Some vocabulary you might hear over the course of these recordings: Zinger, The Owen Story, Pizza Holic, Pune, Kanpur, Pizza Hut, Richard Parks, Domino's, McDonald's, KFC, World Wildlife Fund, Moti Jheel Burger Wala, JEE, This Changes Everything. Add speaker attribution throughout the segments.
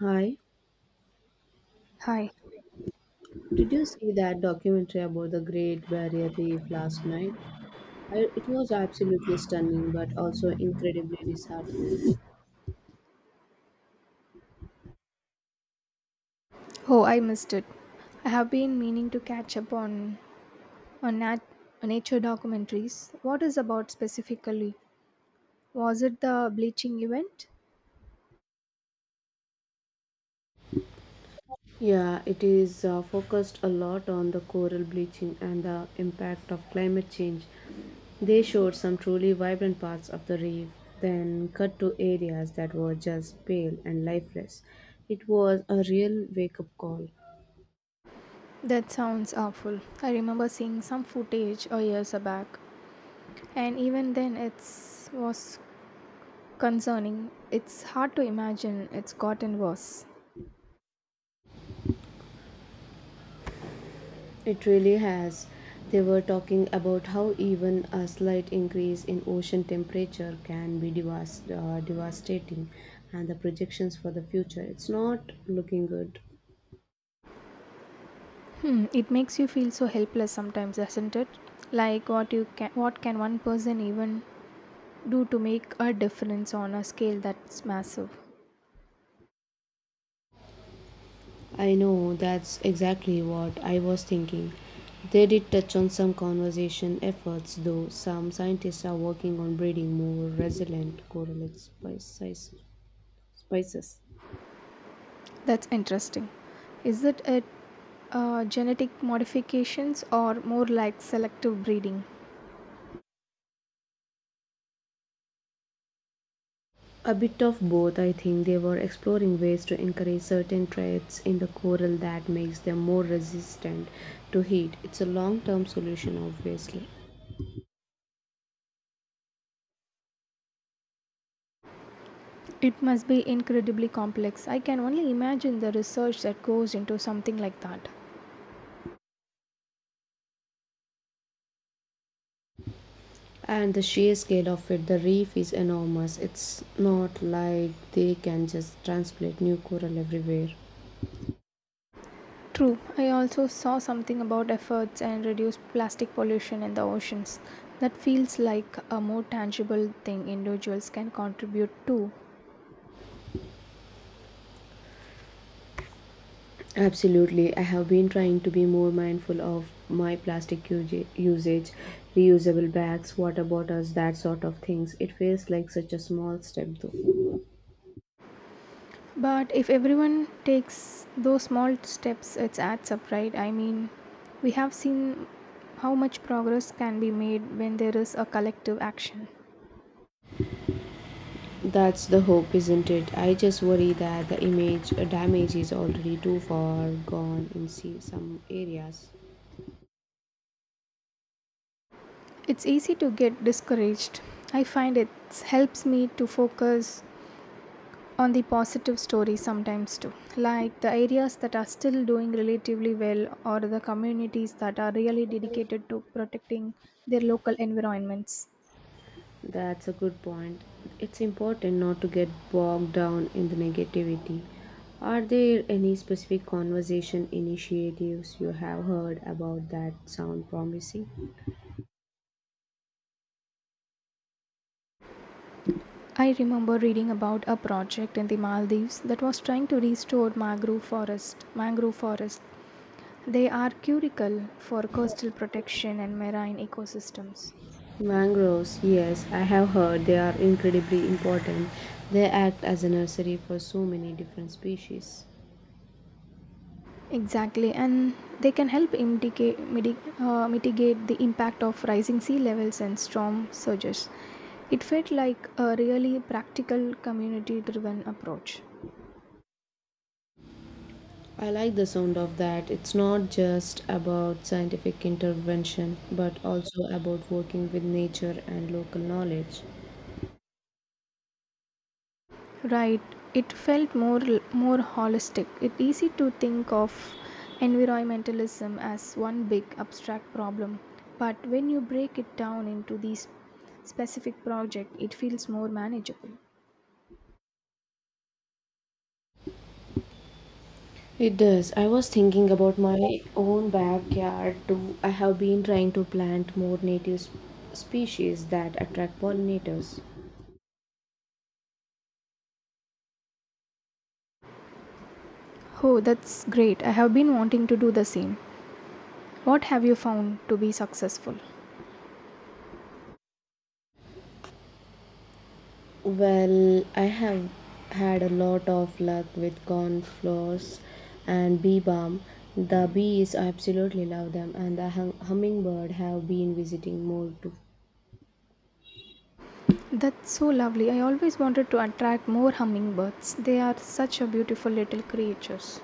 Speaker 1: Hi,
Speaker 2: Hi.
Speaker 1: did you see that documentary about the Great Barrier Reef last night? I, it was absolutely stunning but also incredibly disheartening.
Speaker 2: Oh, I missed it. I have been meaning to catch up on on nat- on nature documentaries. What is about specifically? Was it the bleaching event?
Speaker 1: Yeah, it is focused a lot on the coral bleaching and the impact of climate change. They showed some truly vibrant parts of the reef, then cut to areas that were just pale and lifeless. It was a real wake up call.
Speaker 2: That sounds awful. I remember seeing some footage a years back, and even then, it was concerning. It's hard to imagine it's gotten worse.
Speaker 1: It really has. They were talking about how even a slight increase in ocean temperature can be devastating and the projections for the future. It's not looking good.
Speaker 2: Hmm, it makes you feel so helpless sometimes, doesn't it? Like what can one person even do to make a difference on a scale that's massive?
Speaker 1: I know that's exactly what I was thinking. They did touch on some conservation efforts, though. Some scientists are working on breeding more resilient spices.
Speaker 2: That's interesting. Is it a genetic modifications or more like selective breeding?
Speaker 1: A bit of both, I think they were exploring ways to encourage certain traits in the coral that makes them more resistant to heat. It's a long-term solution obviously.
Speaker 2: It must be incredibly complex. I can only imagine the research that goes into something like that.
Speaker 1: And the sheer scale of it, the reef is enormous. It's not like they can just transplant new coral everywhere.
Speaker 2: True, I also saw something about efforts and reduce plastic pollution in the oceans. That feels like a more tangible thing individuals can contribute to.
Speaker 1: Absolutely. I have been trying to be more mindful of my usage, reusable bags, water bottles, that sort of things. It feels like such a small step though.
Speaker 2: But if everyone takes those small steps, it adds up, right? I mean, we have seen how much progress can be made when there is a collective action.
Speaker 1: That's the hope, isn't it? I just worry that the image damage is already too far gone in some areas.
Speaker 2: It's easy to get discouraged. I find it helps me to focus on the positive stories sometimes too, like the areas that are still doing relatively well or the communities that are really dedicated to protecting their local environments.
Speaker 1: That's a good point. It's important not to get bogged down in the negativity. Are there any specific conversation initiatives you have heard about that sound promising?
Speaker 2: I remember reading about a project in the Maldives that was trying to restore mangrove forest. Mangrove forest. They are critical for coastal protection and marine ecosystems.
Speaker 1: Mangroves, yes, I have heard they are incredibly important. They act as a nursery for so many different species.
Speaker 2: Exactly, and they can help mitigate the impact of rising sea levels and storm surges. It felt like a really practical, community driven approach.
Speaker 1: I like the sound of that. It's not just about scientific intervention, but also about working with nature and local knowledge.
Speaker 2: Right. It felt more holistic. It's easy to think of environmentalism as one big abstract problem, but when you break it down into these specific project, it feels more manageable.
Speaker 1: It does. I was thinking about my own backyard too. I have been trying to plant more species that attract pollinators.
Speaker 2: Oh, that's great. I have been wanting to do the same. What have you found to be successful?
Speaker 1: Well, I have had a lot of luck with cornflowers and bee balm. The bees, I absolutely love them, and the hummingbird have been visiting more too.
Speaker 2: That's so lovely. I always wanted to attract more hummingbirds. They are such a beautiful little creatures.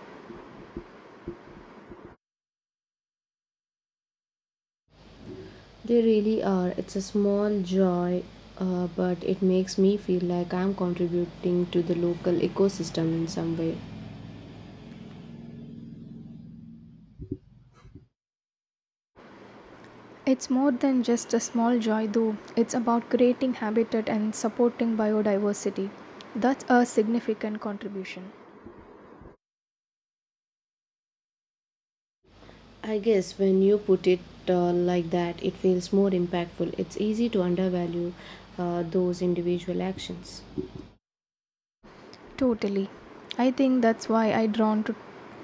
Speaker 1: They really are. It's a small joy, but it makes me feel like I'm contributing to the local ecosystem in some way.
Speaker 2: It's more than just a small joy, though. It's about creating habitat and supporting biodiversity. That's a significant contribution.
Speaker 1: I guess when you put it like that, it feels more impactful. It's easy to undervalue those individual actions.
Speaker 2: Totally. I think that's why I drawn to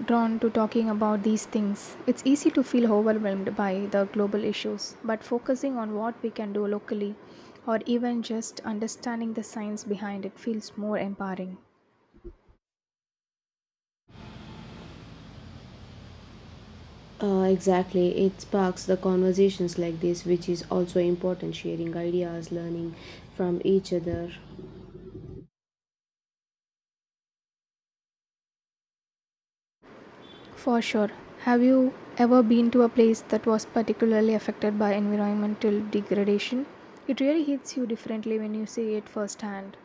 Speaker 2: drawn to talking about these things. It's easy to feel overwhelmed by the global issues, but focusing on what we can do locally or even just understanding the science behind it feels more empowering.
Speaker 1: Exactly. It sparks the conversations like this, which is also important sharing ideas, learning from each other.
Speaker 2: For sure. Have you ever been to a place that was particularly affected by environmental degradation? It really hits you differently when you see it firsthand.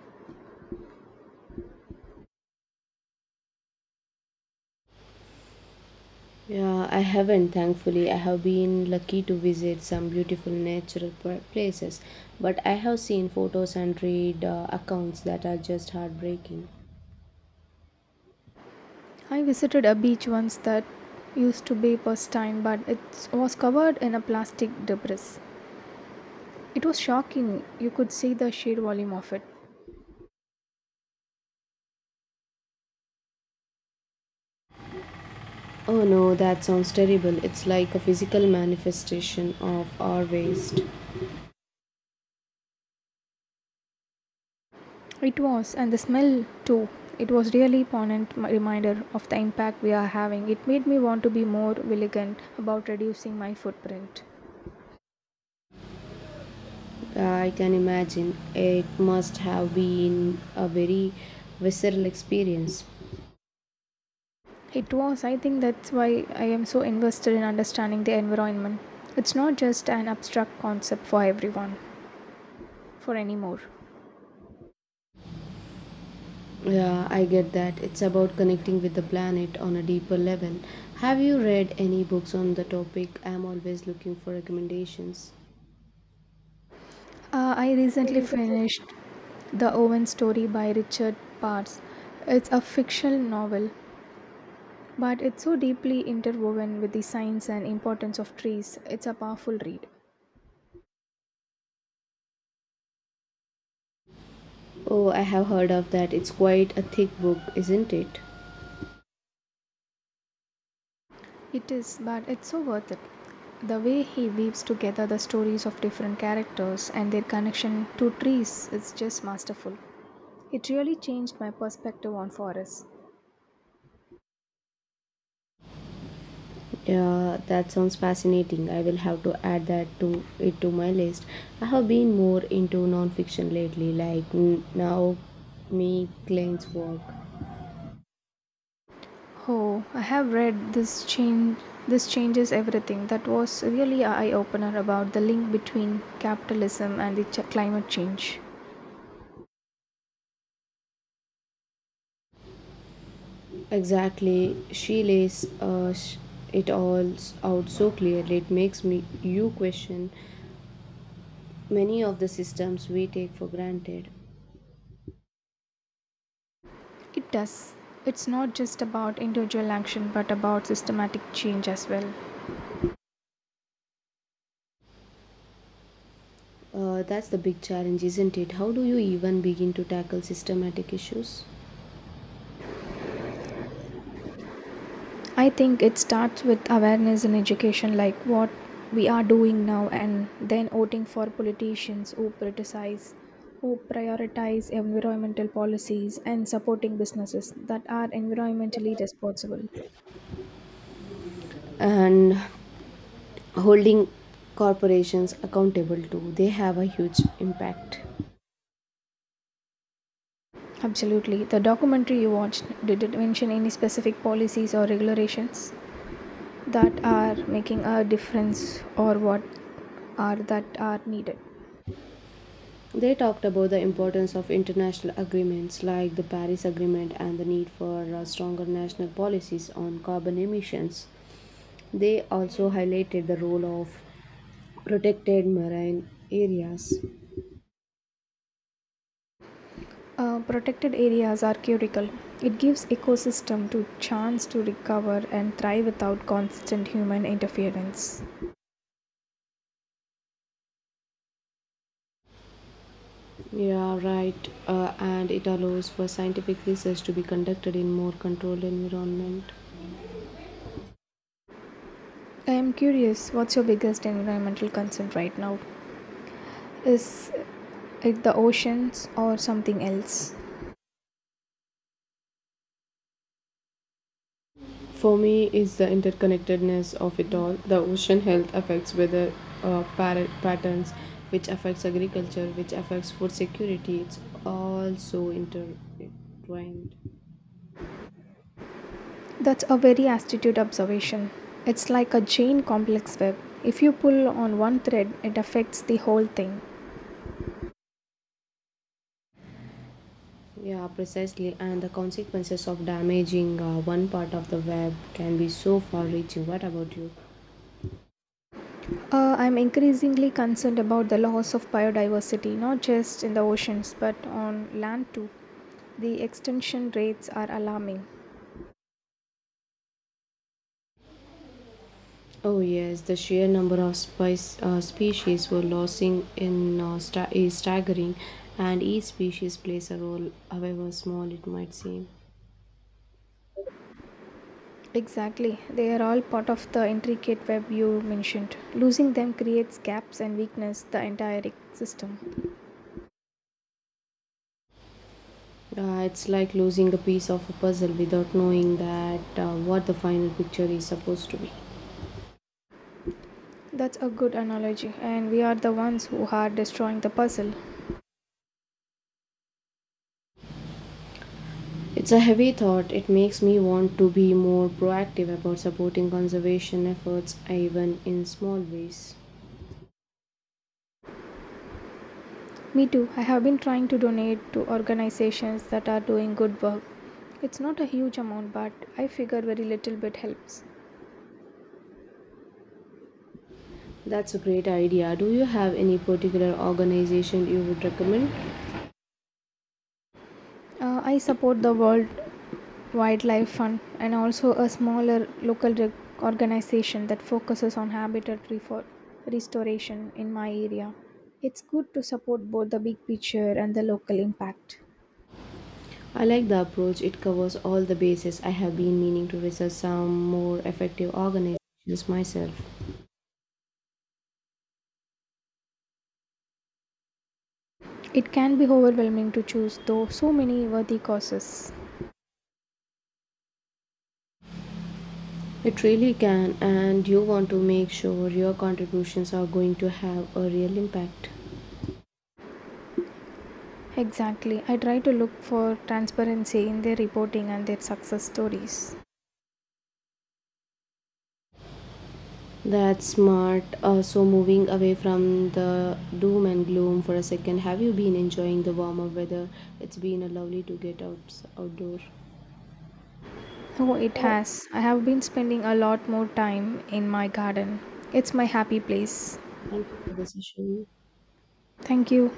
Speaker 1: Yeah, I haven't, thankfully. I have been lucky to visit some beautiful places, but I have seen photos and read accounts that are just heartbreaking.
Speaker 2: I visited a beach once that used to be pristine but it was covered in a plastic debris. It was shocking. You could see the sheer volume of it.
Speaker 1: Oh no, that sounds terrible. It's like a physical manifestation of our waste.
Speaker 2: It was, and the smell too. It was really poignant reminder of the impact we are having. It made me want to be more vigilant about reducing my footprint.
Speaker 1: I can imagine. It must have been a very visceral experience.
Speaker 2: It was, I think that's why I am so invested in understanding the environment. It's not just an abstract concept for everyone, for anymore.
Speaker 1: Yeah, I get that. It's about connecting with the planet on a deeper level. Have you read any books on the topic? I'm always looking for recommendations.
Speaker 2: I
Speaker 1: I
Speaker 2: recently
Speaker 1: recently.
Speaker 2: finished The Owen Story by Richard Parks. It's a fictional novel, but it's so deeply interwoven with the science and importance of trees. It's a powerful read.
Speaker 1: Oh, I have heard of that. It's quite a thick book, isn't it?
Speaker 2: It is, but it's so worth it. The way he weaves together the stories of different characters and their connection to trees is just masterful. It really changed my perspective on forests.
Speaker 1: Yeah, that sounds fascinating. I will have to add that to it to my list. I have been more into non-fiction lately, like now me Klein's work.
Speaker 2: Oh, I have read this changes everything. That was really an eye opener about the link between capitalism and the climate change.
Speaker 1: Exactly. She lays out so clearly. It makes me you question many of the systems we take for granted.
Speaker 2: It does. It's not just about individual action but about systematic change as well.
Speaker 1: That's the big challenge, isn't it? How do you even begin to tackle systematic issues
Speaker 2: I think it starts with awareness and education, like what we are doing now, and then voting for politicians who prioritize environmental policies, and supporting businesses that are environmentally responsible.
Speaker 1: and holding corporations accountable too? They have a huge impact.
Speaker 2: Absolutely. The documentary you watched, did it mention any specific policies or regulations that are making a difference or what are that are needed?
Speaker 1: They talked about the importance of international agreements like the Paris Agreement and the need for stronger national policies on carbon emissions. They also highlighted the role of protected marine areas.
Speaker 2: Protected areas are critical. It gives ecosystem to chance to recover and thrive without constant human interference.
Speaker 1: Yeah, right. And it allows for scientific research to be conducted in more controlled environment.
Speaker 2: I am curious, what's your biggest environmental concern right now? Is it the oceans or something else?
Speaker 1: For me, is the interconnectedness of it all. The ocean health affects weather patterns, which affects agriculture, which affects food security. It's all so intertwined.
Speaker 2: That's a very astute observation. It's like a chain complex web. If you pull on one thread, it affects the whole thing.
Speaker 1: Yeah, precisely. And the consequences of damaging one part of the web can be so far-reaching. What about you?
Speaker 2: I'm increasingly concerned about the loss of biodiversity, not just in the oceans, but on land too. The extension rates are alarming.
Speaker 1: Oh yes, the sheer number of species we're losing is staggering, and each species plays a role, however small it might seem.
Speaker 2: Exactly. They are all part of the intricate web you mentioned. Losing them creates gaps and weakness the entire system.
Speaker 1: It's like losing a piece of a puzzle without knowing that what the final picture is supposed to be.
Speaker 2: That's a good analogy and we are the ones who are destroying the puzzle.
Speaker 1: It's a heavy thought. It makes me want to be more proactive about supporting conservation efforts, even in small ways.
Speaker 2: Me too. I have been trying to donate to organizations that are doing good work. It's not a huge amount but I figure very little bit helps.
Speaker 1: That's a great idea. Do you have any particular organization you would recommend?
Speaker 2: I support the World wildlife fund and also a smaller organization that focuses on habitat restoration in my area. It's good to support both the big picture and the local impact.
Speaker 1: I like the approach. It covers all the bases. I have been meaning to research some more effective organizations myself.
Speaker 2: It can be overwhelming to choose, though, so many worthy causes.
Speaker 1: It really can, and you want to make sure your contributions are going to have a real impact.
Speaker 2: Exactly. I try to look for transparency in their reporting and their success stories.
Speaker 1: That's smart. So, moving away from the doom and gloom for a second, have you been enjoying the warmer weather? It's been a lovely to get out outdoor.
Speaker 2: Oh, it
Speaker 1: Oh,
Speaker 2: has. I have been spending a lot more time in my garden. It's my happy place.
Speaker 1: thank you for the session.
Speaker 2: Thank you.